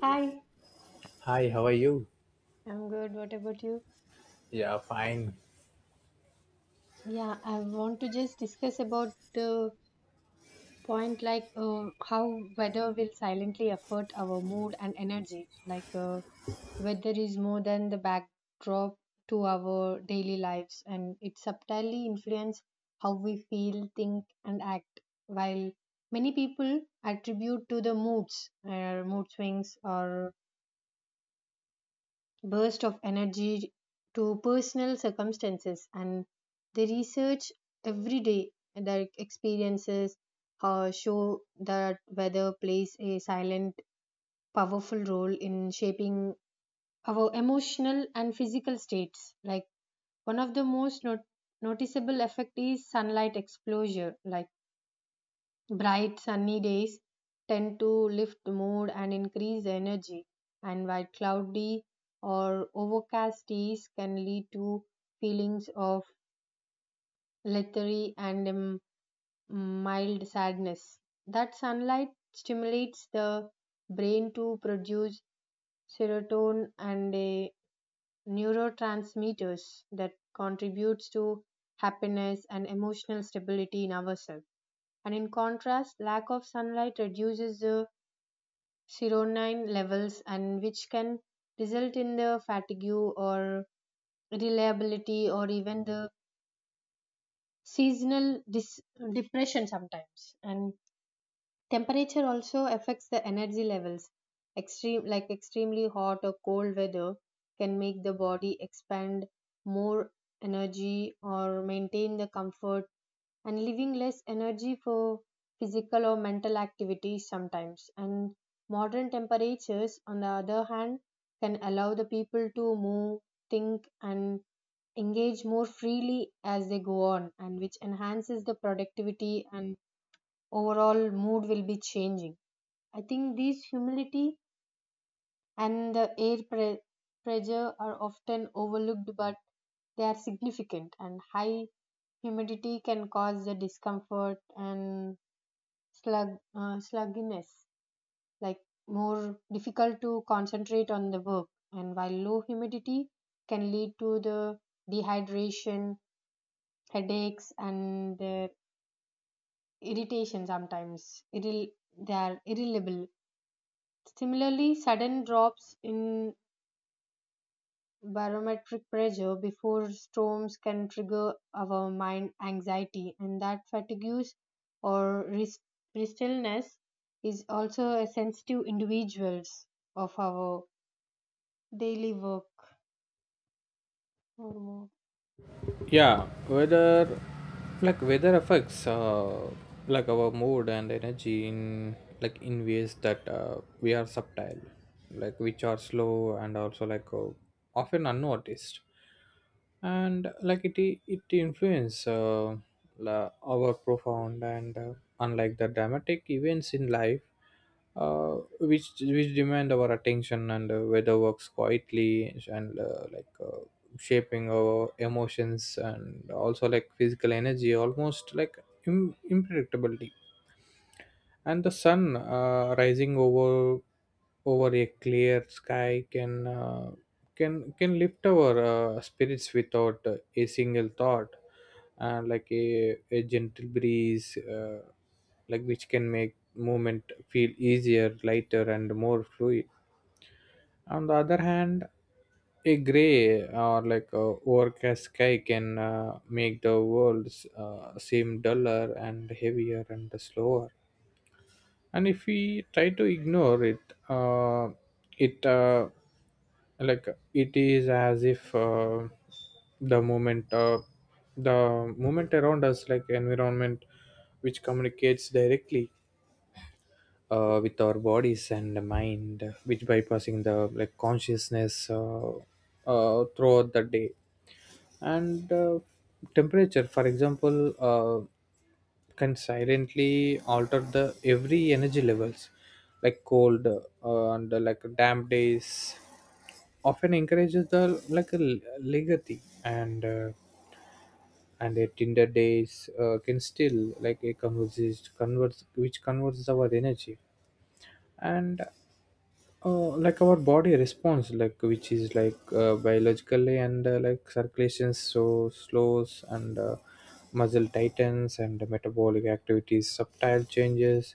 Hi, Hi, how are you? I'm good. What about you? Yeah, fine. Yeah, I want to just discuss about the point how weather will silently affect our mood and energy. Weather is more than the backdrop to our daily lives, and it subtly influences how we feel, think, and act. While many people attribute to the moods, mood swings, or burst of energy to personal circumstances and they research every day their experiences show that weather plays a silent powerful role in shaping our emotional and physical states like one of the most noticeable effect is sunlight exposure like bright sunny days tend to lift mood and increase energy, and while cloudy or overcast days can lead to feelings of lethargy and mild sadness. That sunlight stimulates the brain to produce serotonin and a neurotransmitters that contributes to happiness and emotional stability in ourselves. And in contrast, lack of sunlight reduces the serotonin levels and which can result in the fatigue or reliability or even the seasonal dis- depression sometimes and temperature also affects the energy levels extreme like extremely hot or cold weather can make the body expand more energy or maintain the comfort and leaving less energy for physical or mental activities sometimes. And modern temperatures, on the other hand, can allow the people to move, think, and engage more freely as they go on, and which enhances the productivity and overall mood will be changing. I think these humidity and the pressure are often overlooked, but they are significant and high humidity can cause the discomfort and slug, slugginess, like more difficult to concentrate on the work. And while low humidity can lead to the dehydration, headaches, and irritation sometimes. They are irritable. Similarly, sudden drops in barometric pressure before storms can trigger our mind anxiety and that fatigues or restlessness is also a sensitive individuals of our daily work. Oh, Yeah, weather, like weather affects like our mood and energy in, like, in ways that we are subtle, like which are slow and also often unnoticed, and like it influence our profound, and unlike the dramatic events in life, uh, which demand our attention, and weather works quietly, and shaping our emotions and also like physical energy almost like impracticability. And the sun rising over a clear sky can can lift our spirits without a single thought, like a gentle breeze, uh, like which can make movement feel easier, lighter, and more fluid. On the other hand, a gray, or like a overcast sky can make the world seem duller and heavier and slower, and if we try to ignore it, uh, it uh, like it is as if the moment uh, the moment around us, like environment, which communicates directly with our bodies and the mind, which bypassing the like consciousness, throughout the day. And Temperature, for example, uh, can silently alter the every energy levels, like cold and like damp days often encourages the like a legacy, and and their Tinder days can still like a converses converts which converts our energy. And like our body response, like which is biologically, and like circulations so slows, and muscle tightens and metabolic activities subtle changes.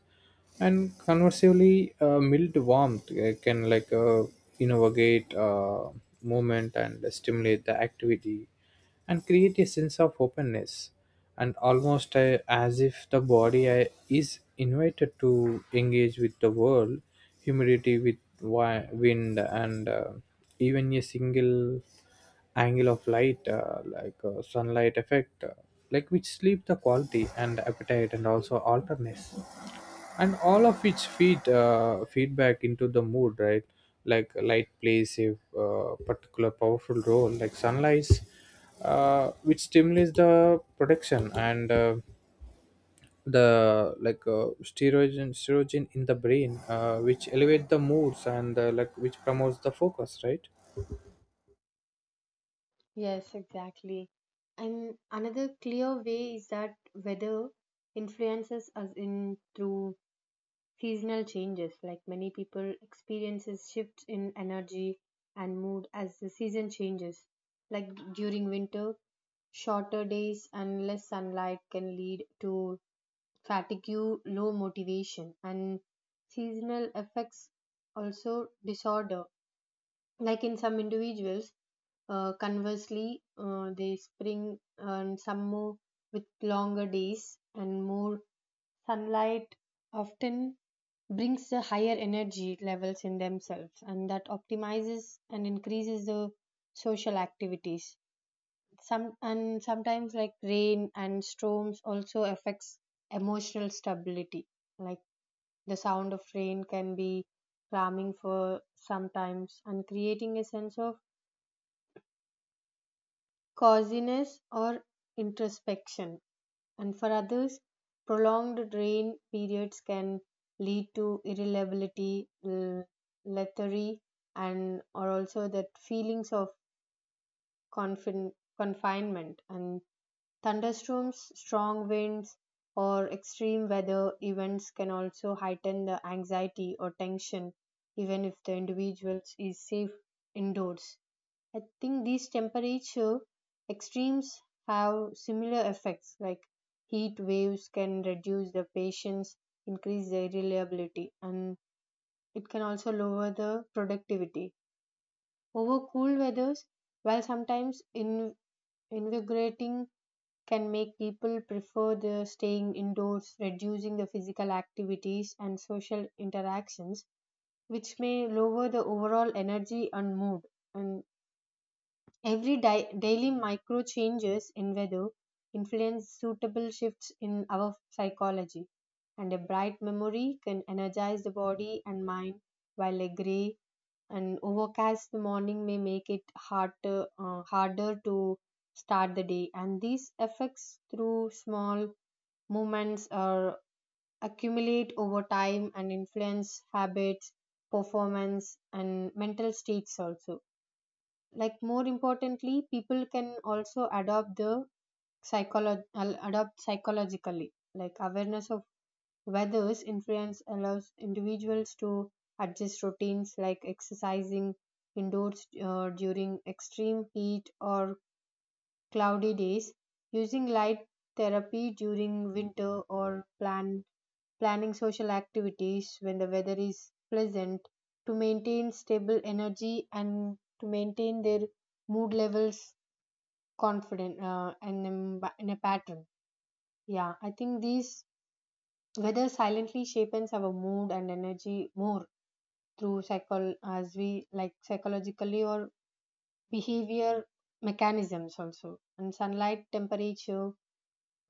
And conversely, mild warmth can innovate movement and stimulate the activity and create a sense of openness, and almost as if the body is invited to engage with the world. Humidity with wind, and even a single angle of light, sunlight effect, like which sleep the quality and appetite and also alertness, and all of which feedback into the mood, right? Like light plays a particular powerful role, like sunlight, which stimulates the production, and the like sterogen in the brain, which elevate the moods, and like which promotes the focus, right? yes, exactly, and another clear way is that weather influences us in through seasonal changes, like many people, experiences shifts in energy and mood as the season changes. Like during winter, shorter days and less sunlight can lead to fatigue, low motivation, and seasonal effects also disorder. Like in some individuals, conversely, they spring and summer with longer days and more sunlight often brings the higher energy levels in themselves and that optimizes and increases the social activities some and sometimes like rain and storms also affects emotional stability like the sound of rain can be calming for sometimes and creating a sense of coziness or introspection and for others, prolonged rain periods can lead to irritability, lethargy, and or also that feelings of confin- confinement. And thunderstorms, strong winds, or extreme weather events can also heighten the anxiety or tension, even if the individual is safe indoors. I think these temperature extremes have similar effects, like heat waves can reduce the patience, increase their reliability, and it can also lower the productivity. Over cool weathers, while invigorating, can make people prefer the staying indoors, reducing the physical activities and social interactions, which may lower the overall energy and mood. And every daily micro changes in weather influence suitable shifts in our psychology, and a bright memory can energize the body and mind, while a gray and overcast the morning may make it harder to start the day. And these effects, through small movements, are accumulate over time and influence habits, performance, and mental states also like more importantly people can also adopt psychologically like awareness of weather's influence allows individuals to adjust routines like exercising indoors during extreme heat or cloudy days, using light therapy during winter, or planning social activities when the weather is pleasant to maintain stable energy and to maintain their mood levels confident and in a pattern. Yeah, I think these weather silently shapes our mood and energy more through psychol as we like psychologically or behavior mechanisms also and sunlight temperature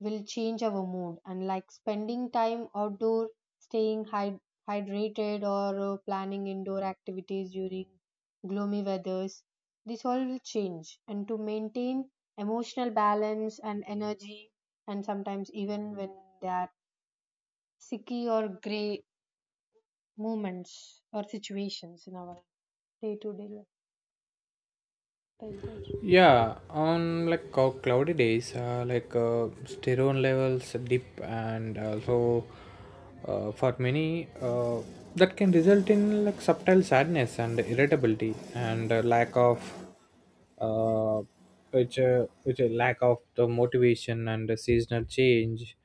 will change our mood and like spending time outdoor staying hydrated or planning indoor activities during gloomy weathers this all will change and to maintain emotional balance and energy and sometimes even when there are sicky or gray moments or situations in our day to day life like that. Yeah, on like cloudy days, sterone levels dip, and also for many, that can result in like subtle sadness and irritability and lack of, uh, which a lack of the motivation and the seasonal change.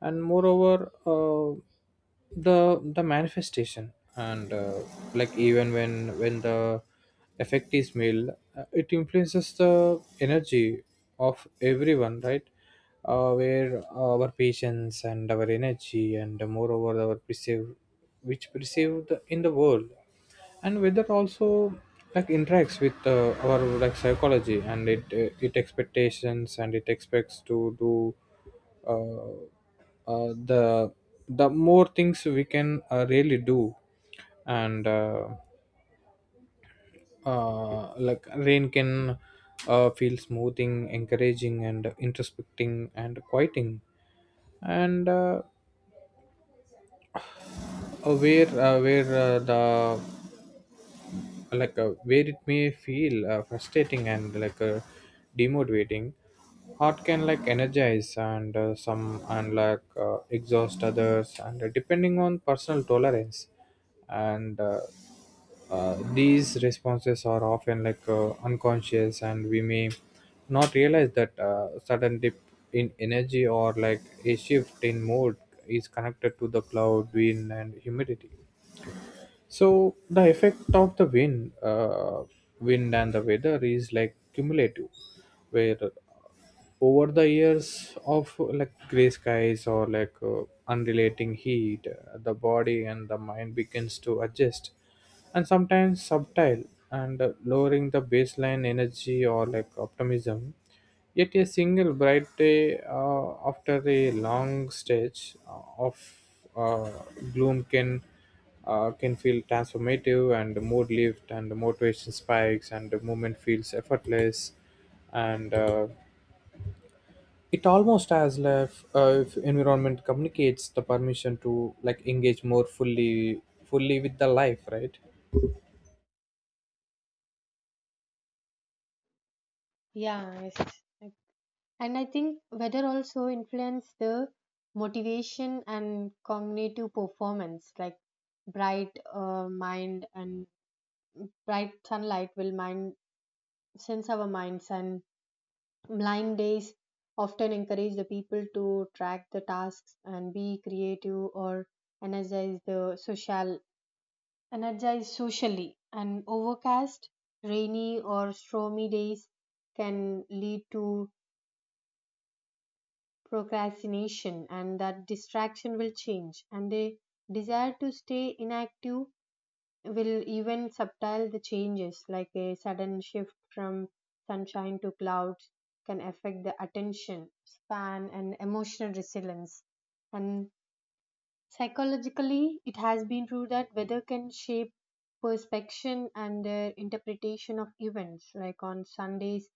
And moreover, the the manifestation, and like even when the effect is male, it influences the energy of everyone, right? Where our patience and our energy, and moreover our perceive, which perceive the in the world. And whether also like interacts with our like psychology and it expectations and it expects to do, uh, uh, the the more things we can really do. And like rain can feel smoothing, encouraging, and introspecting, and quieting. And where the like where it may feel frustrating and demotivating. Art can like energize, and some and exhaust others, and depending on personal tolerance. And these responses are often unconscious, and we may not realize that sudden dip in energy, or like a shift in mood, is connected to the cloud, wind, and humidity. So the effect of the wind, wind and the weather is like cumulative, where over the years of like gray skies, or unrelating heat, the body and the mind begins to adjust, and sometimes subtle, and lowering the baseline energy or like optimism. Yet a single bright day, after a long stretch of uh, gloom, can feel transformative, and the mood lift, and the motivation spikes, and the movement feels effortless, and it almost as if environment communicates the permission to like engage more fully with the life, right? Yes. I think weather also influence the motivation and cognitive performance. Like bright mind and bright sunlight will mind sense our minds, and blind days often encourage the people to track the tasks and be creative or energize the social energize socially. And overcast, rainy or stormy days can lead to procrastination and that distraction will change and a desire to stay inactive will even subtile the changes like a sudden shift from sunshine to clouds can affect the attention span and emotional resilience and psychologically it has been proved that weather can shape perception and their interpretation of events like on sundays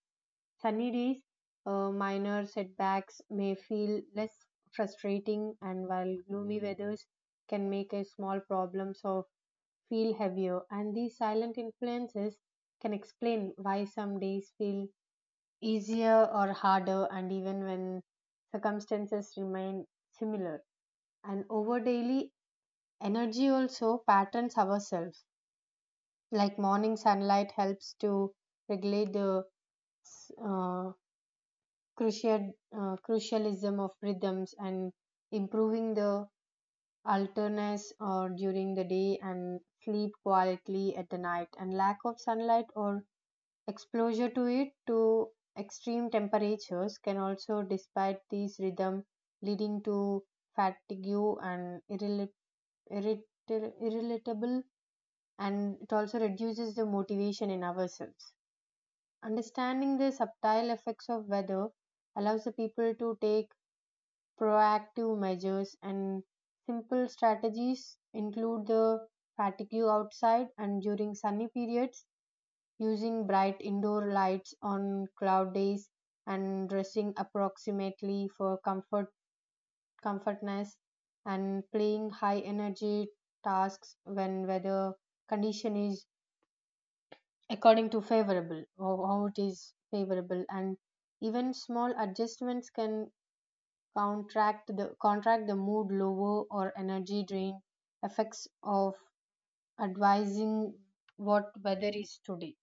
sunny days, minor setbacks may feel less frustrating, and while gloomy weathers can make a small problems or feel heavier, and these silent influences can explain why some days feel easier or harder, and even when circumstances remain similar. And over daily energy also patterns ourselves, like morning sunlight helps to regulate the uh, crucial, crucialism of rhythms and improving the alertness or during the day and sleep quietly at the night and lack of sunlight or exposure to it to extreme temperatures can also despite these rhythm leading to fatigue and irritable and it also reduces the motivation in ourselves understanding the subtle effects of weather allows the people to take proactive measures and simple strategies include the fatigue outside and during sunny periods, using bright indoor lights on cloud days, and dressing approximately for comfortness, and playing high energy tasks when weather condition is according to favorable, or how it is favorable, and even small adjustments can contract the mood lower or energy drain effects of advising what weather is today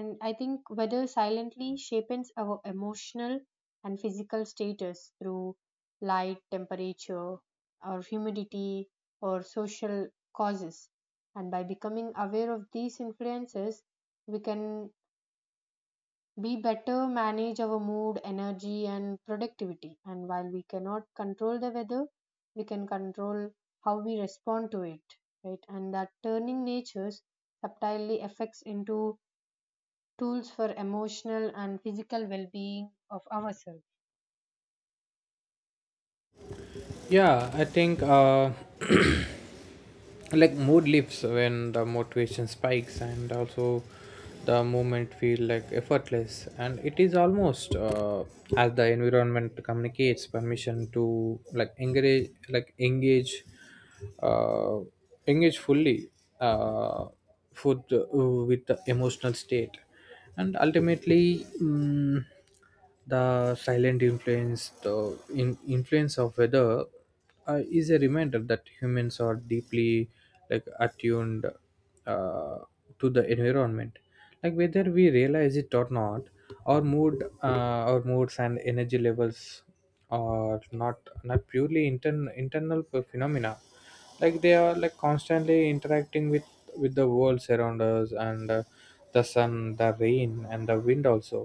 and I think weather silently shapes our emotional and physical status through light temperature or humidity or social causes and by becoming aware of these influences we can we better manage our mood, energy, and productivity. And while we cannot control the weather, we can control how we respond to it, right? And that turning natures subtly affects into tools for emotional and physical well being of ourselves. Yeah, I think. Like mood lifts when the motivation spikes, and also the movement feel like effortless, and it is almost as the environment communicates permission to like engage like engage uh, engage fully uh, for the, with the emotional state. And ultimately, the silent influence, the influence of weather, is a reminder that humans are deeply like attuned uh, to the environment, like whether we realize it or not. Our mood, our moods and energy levels, or not not purely internal phenomena. Like they are like constantly interacting with the worlds around us. And the sun, the rain, and the wind, also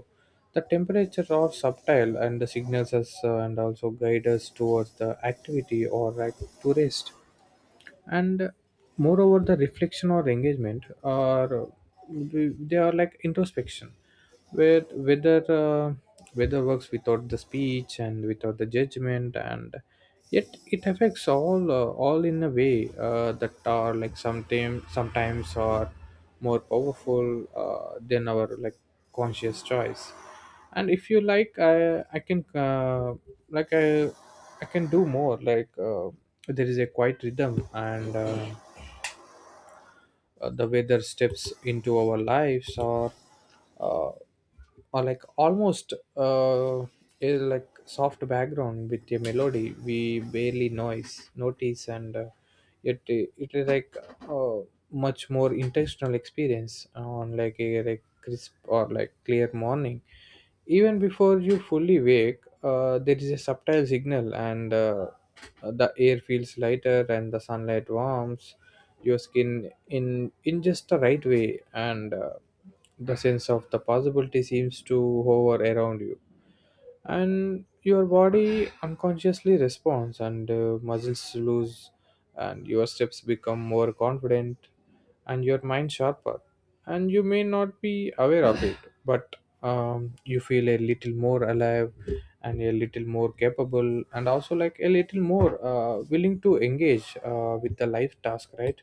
the temperature, are subtle, and the signals us, and also guide us towards the activity, or like to rest. And moreover, the reflection or engagement are they are like introspection, where whether whether works without the speech and without the judgment. And yet it affects all, all in a way that are like sometimes are more powerful than our like conscious choice. And if you like, I can like i I can do more, there is a quiet rhythm, and the weather steps into our lives, or uh, or like almost a like soft background with a melody we barely noise notice. And it is like uh, much more intentional experience on like a like crisp or like clear morning. Even before you fully wake, there is a subtle signal, and the air feels lighter, and the sunlight warms your skin in just the right way, and the sense of the possibility seems to hover around you. And your body unconsciously responds, and muscles lose, and your steps become more confident, and your mind sharper. And you may not be aware of it, but you feel a little more alive, and a little more capable, and also like a little more willing to engage with the life task, right?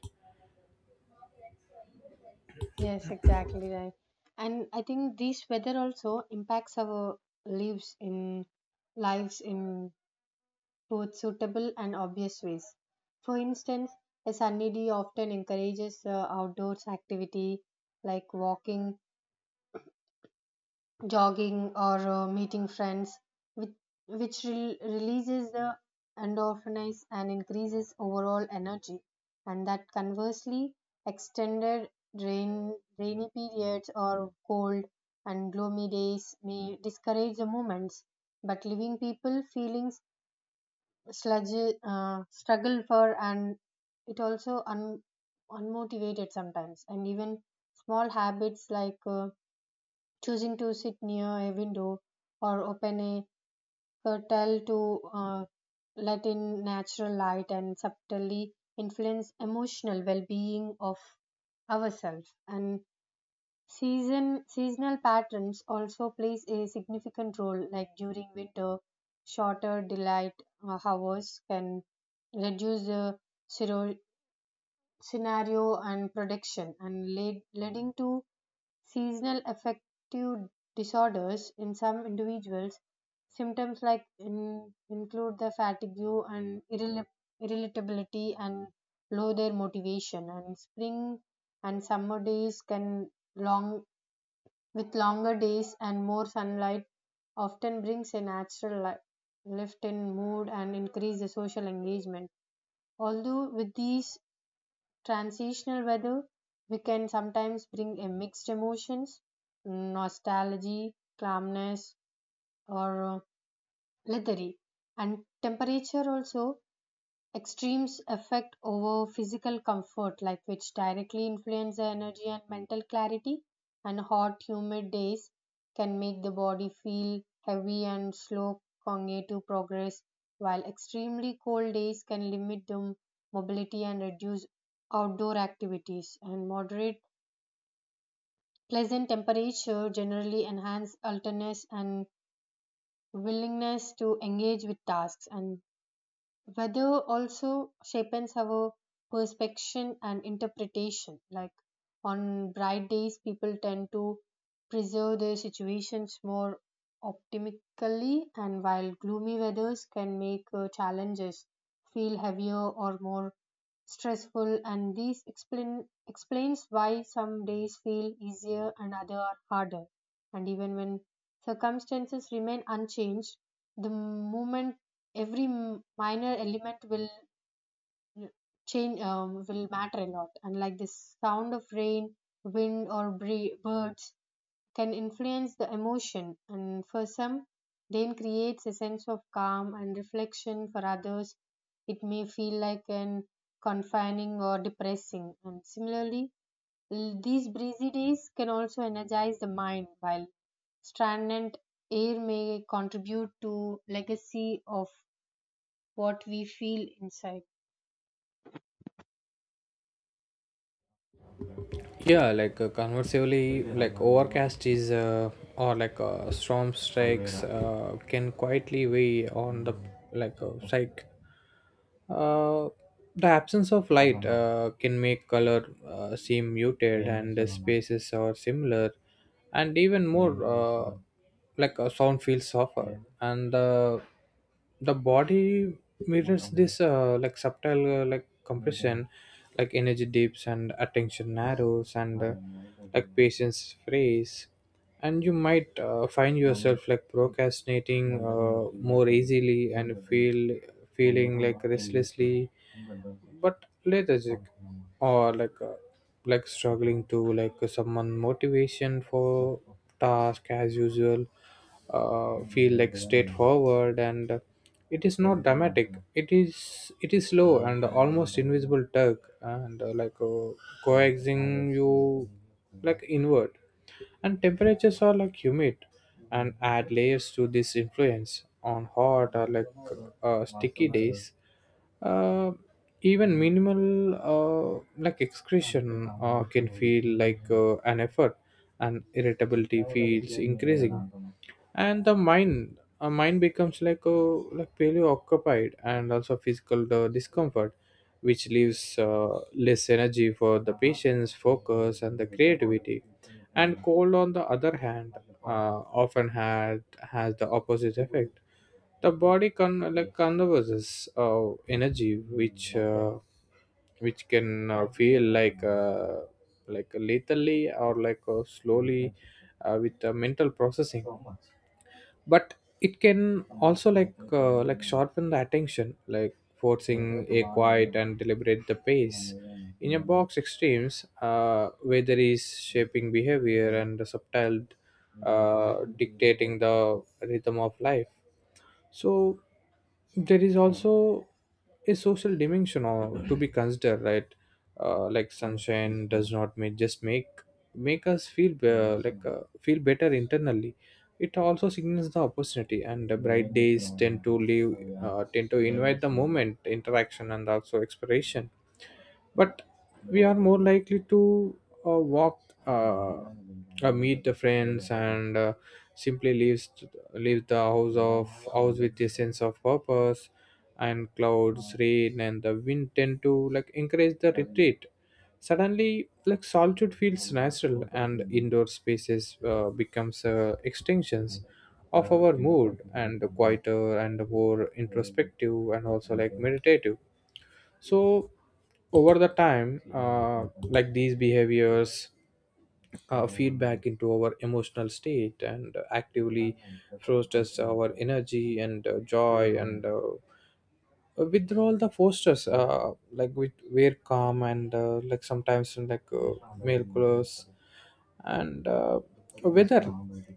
Yes, exactly right. And I think this weather also impacts our lives in lives in both suitable and obvious ways. For instance, a sunny day often encourages outdoors activity like walking, jogging, or meeting friends, which, which releases the endorphins and increases overall energy. And that conversely, rainy periods or cold and gloomy days may discourage the movements, but leaving people feeling sludge struggle for and it also unmotivated sometimes and even small habits like choosing to sit near a window or open a curtain to let in natural light and subtly influence emotional well-being of ourselves and seasonal patterns also plays a significant role, like during winter, shorter daylight hours can reduce the sero- scenario and production, and leading to seasonal affective disorders in some individuals. Symptoms like include the fatigue and irritability and low their motivation, and spring and summer days can long with longer days and more sunlight often brings a natural lift in mood and increase the social engagement. Although with these transitional weather, we can sometimes bring a mixed emotions, nostalgia, calmness, or lethargy. And temperature also extremes affect over physical comfort, like which directly influence the energy and mental clarity. And hot, humid days can make the body feel heavy and slow cognitive progress, while extremely cold days can limit the mobility and reduce outdoor activities. And moderate, pleasant temperature generally enhance alertness and willingness to engage with tasks. And weather also shapes our perception and interpretation. Like on bright days, people tend to preserve their situations more optimistically, and while gloomy weathers can make challenges feel heavier or more stressful. And explains why some days feel easier and other are harder. And even when circumstances remain unchanged, the moment every minor element will change will matter a lot and like the sound of rain wind or birds can influence the emotion and for some rain creates a sense of calm and reflection for others it may feel like an confining or depressing and similarly these breezy days can also energize the mind while stagnant air may contribute to legacy of what we feel inside. Yeah, like conversely, like overcast is, or storm strikes can quietly weigh on the psyche. uh, the absence of light can make color seem muted, and the spaces are similar. And even more, like a sound feels softer, and the body mirrors this, like subtle, like compression. Like energy dips, and attention narrows, and like patience frees. And you might find yourself like procrastinating more easily, and feeling like restlessly, but lethargic, or like struggling to like someone motivation for task as usual, feel like straightforward. And it is not dramatic, it is slow and almost invisible tug, and coaxing you like inward. And temperatures are like humid, and add layers to this influence on hot or sticky days. uh, Even minimal like excretion can feel like an effort, and irritability feels increasing. And the mind becomes like a like fairly occupied, and also physical discomfort, which leaves less energy for the patient's focus and the creativity. And cold, on the other hand, often had has the opposite effect. The body like conserves uh, energy, which uh, which can feel like lethally, or slowly with mental processing. But it can also like sharpen the attention, like forcing a quiet and deliberate the pace, in a box extremes, where there is shaping behavior and the subtle, dictating the rhythm of life. So there is also a social dimension or to be considered, right? Like sunshine does not make just make make us feel feel better internally. It also signals the opportunity, and the bright days tend to leave, tend to invite the moment interaction and also exploration. But we are more likely to walk, uh, meet the friends, and simply leave the house of house with a sense of purpose. And clouds, rain, and the wind tend to like encourage the retreat. Suddenly, like solitude feels natural, and indoor spaces becomes extensions of our mood, and quieter and more introspective and also like meditative. So over the time, like these behaviors feedback into our emotional state, and actively fosters our energy, and joy, and withdrawal the fosters like we wear calm, and like sometimes in male colors. And Weather,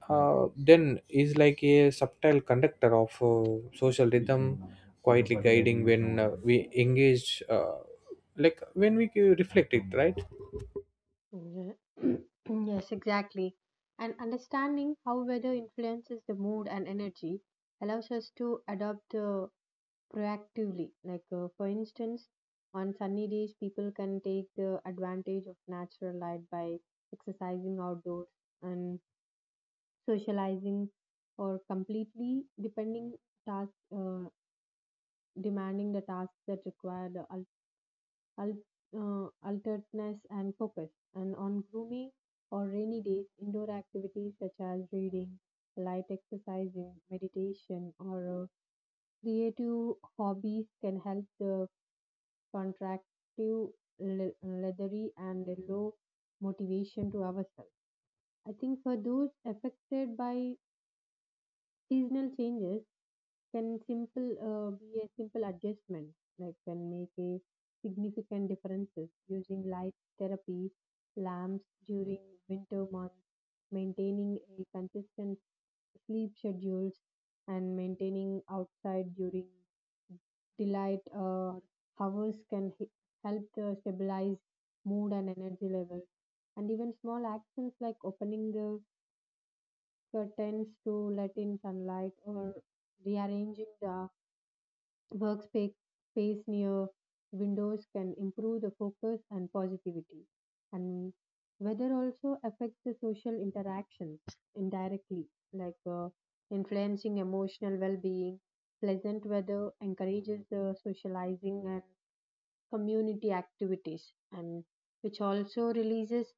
then, is like a subtle conductor of social rhythm, quietly guiding when we engage, like when we reflect it, right? Ye- yes, exactly. And understanding how weather influences the mood and energy allows us to adapt proactively. Like, for instance, on sunny days, people can take the advantage of natural light by exercising outdoors and socializing, or task, uh, demanding the tasks that require the al- alertness, and focus. And on gloomy or rainy days, indoor activities such as reading, light exercising, meditation, or creative hobbies can help the contractive, leathery, and low motivation to ourselves. I think for those affected by seasonal changes, can simple be a simple adjustment like can make a significant differences using light therapy lamps during winter months maintaining a consistent sleep schedules and maintaining outside during daylight hours can help to stabilize mood and energy levels. And even small actions like opening the curtains to let in sunlight or rearranging the Workspace space near windows can improve the focus and positivity. And weather also affects the social interactions indirectly, like influencing emotional well being. Pleasant weather encourages the socializing and community activities, and which also releases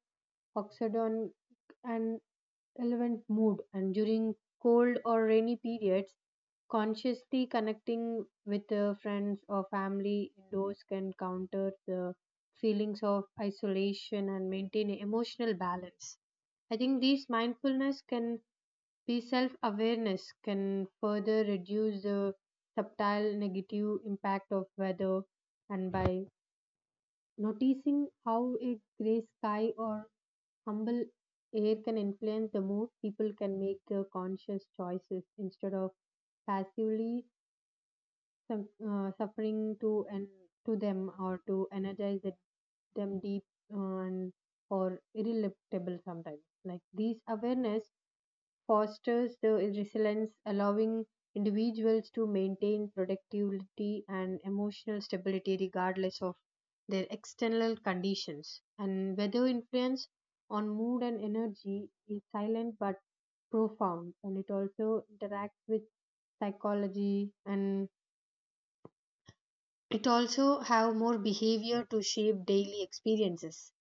oxidon and relevant mood. And during cold or rainy periods, consciously connecting with friends or family indoors can counter the feelings of isolation and maintain emotional balance. I think these mindfulness can be self awareness, can further reduce the subtle negative impact of weather, and by noticing how a gray sky or humble air can influence the mood, people can make the conscious choices instead of passively some suffering to and to them or to energize it, them deep and or irrelatable sometimes like these awareness fosters the resilience allowing individuals to maintain productivity and emotional stability regardless of their external conditions and weather influence on mood and energy is silent but profound and it also interacts with psychology and it also have more behavior to shape daily experiences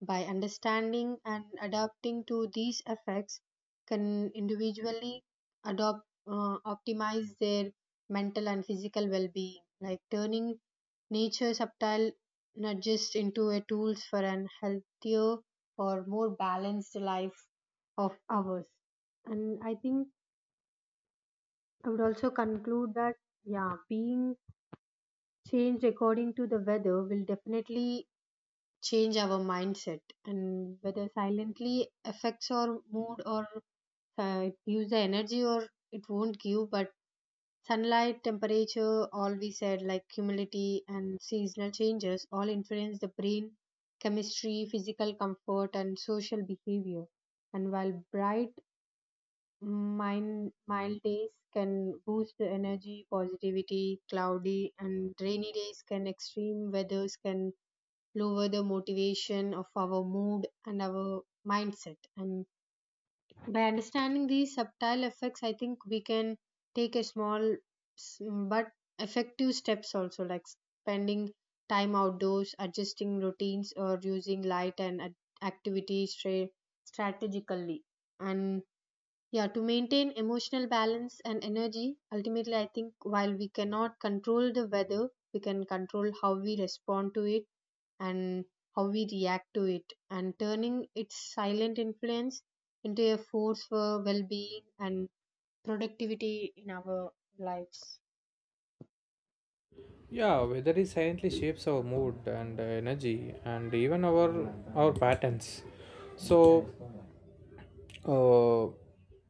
by understanding and adapting to these effects can individually adopt optimize their mental and physical well-being like turning nature's subtle nudges into a tools for an healthier or more balanced life of ours and I think I would also conclude that yeah being changed according to the weather will definitely change our mindset and whether silently affects our mood or use the energy or it won't give but sunlight temperature all we said like humidity and seasonal changes all influence the brain chemistry physical comfort and social behavior and while bright mind mild days can boost the energy positivity cloudy and rainy days can extreme weathers can lower the motivation of our mood and our mindset. And by understanding these subtle effects, I think we can take a small s- but effective steps also, like spending time outdoors, adjusting routines, or using light and activities strategically. And yeah, to maintain emotional balance and energy, ultimately, I think while we cannot control the weather, we can control how we respond to it and how we react to it and turning its silent influence into a force for well-being and productivity in our lives. Yeah, weather is silently shapes our mood and energy, and even our patterns. So, uh,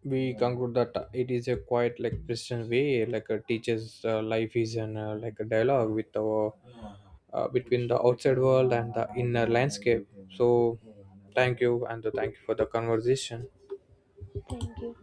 we conclude that it is a quite like Christian way, like a teacher's life is an, like a dialogue with our, between the outside world and the inner landscape. So, thank you, and thank you for the conversation. Thank you.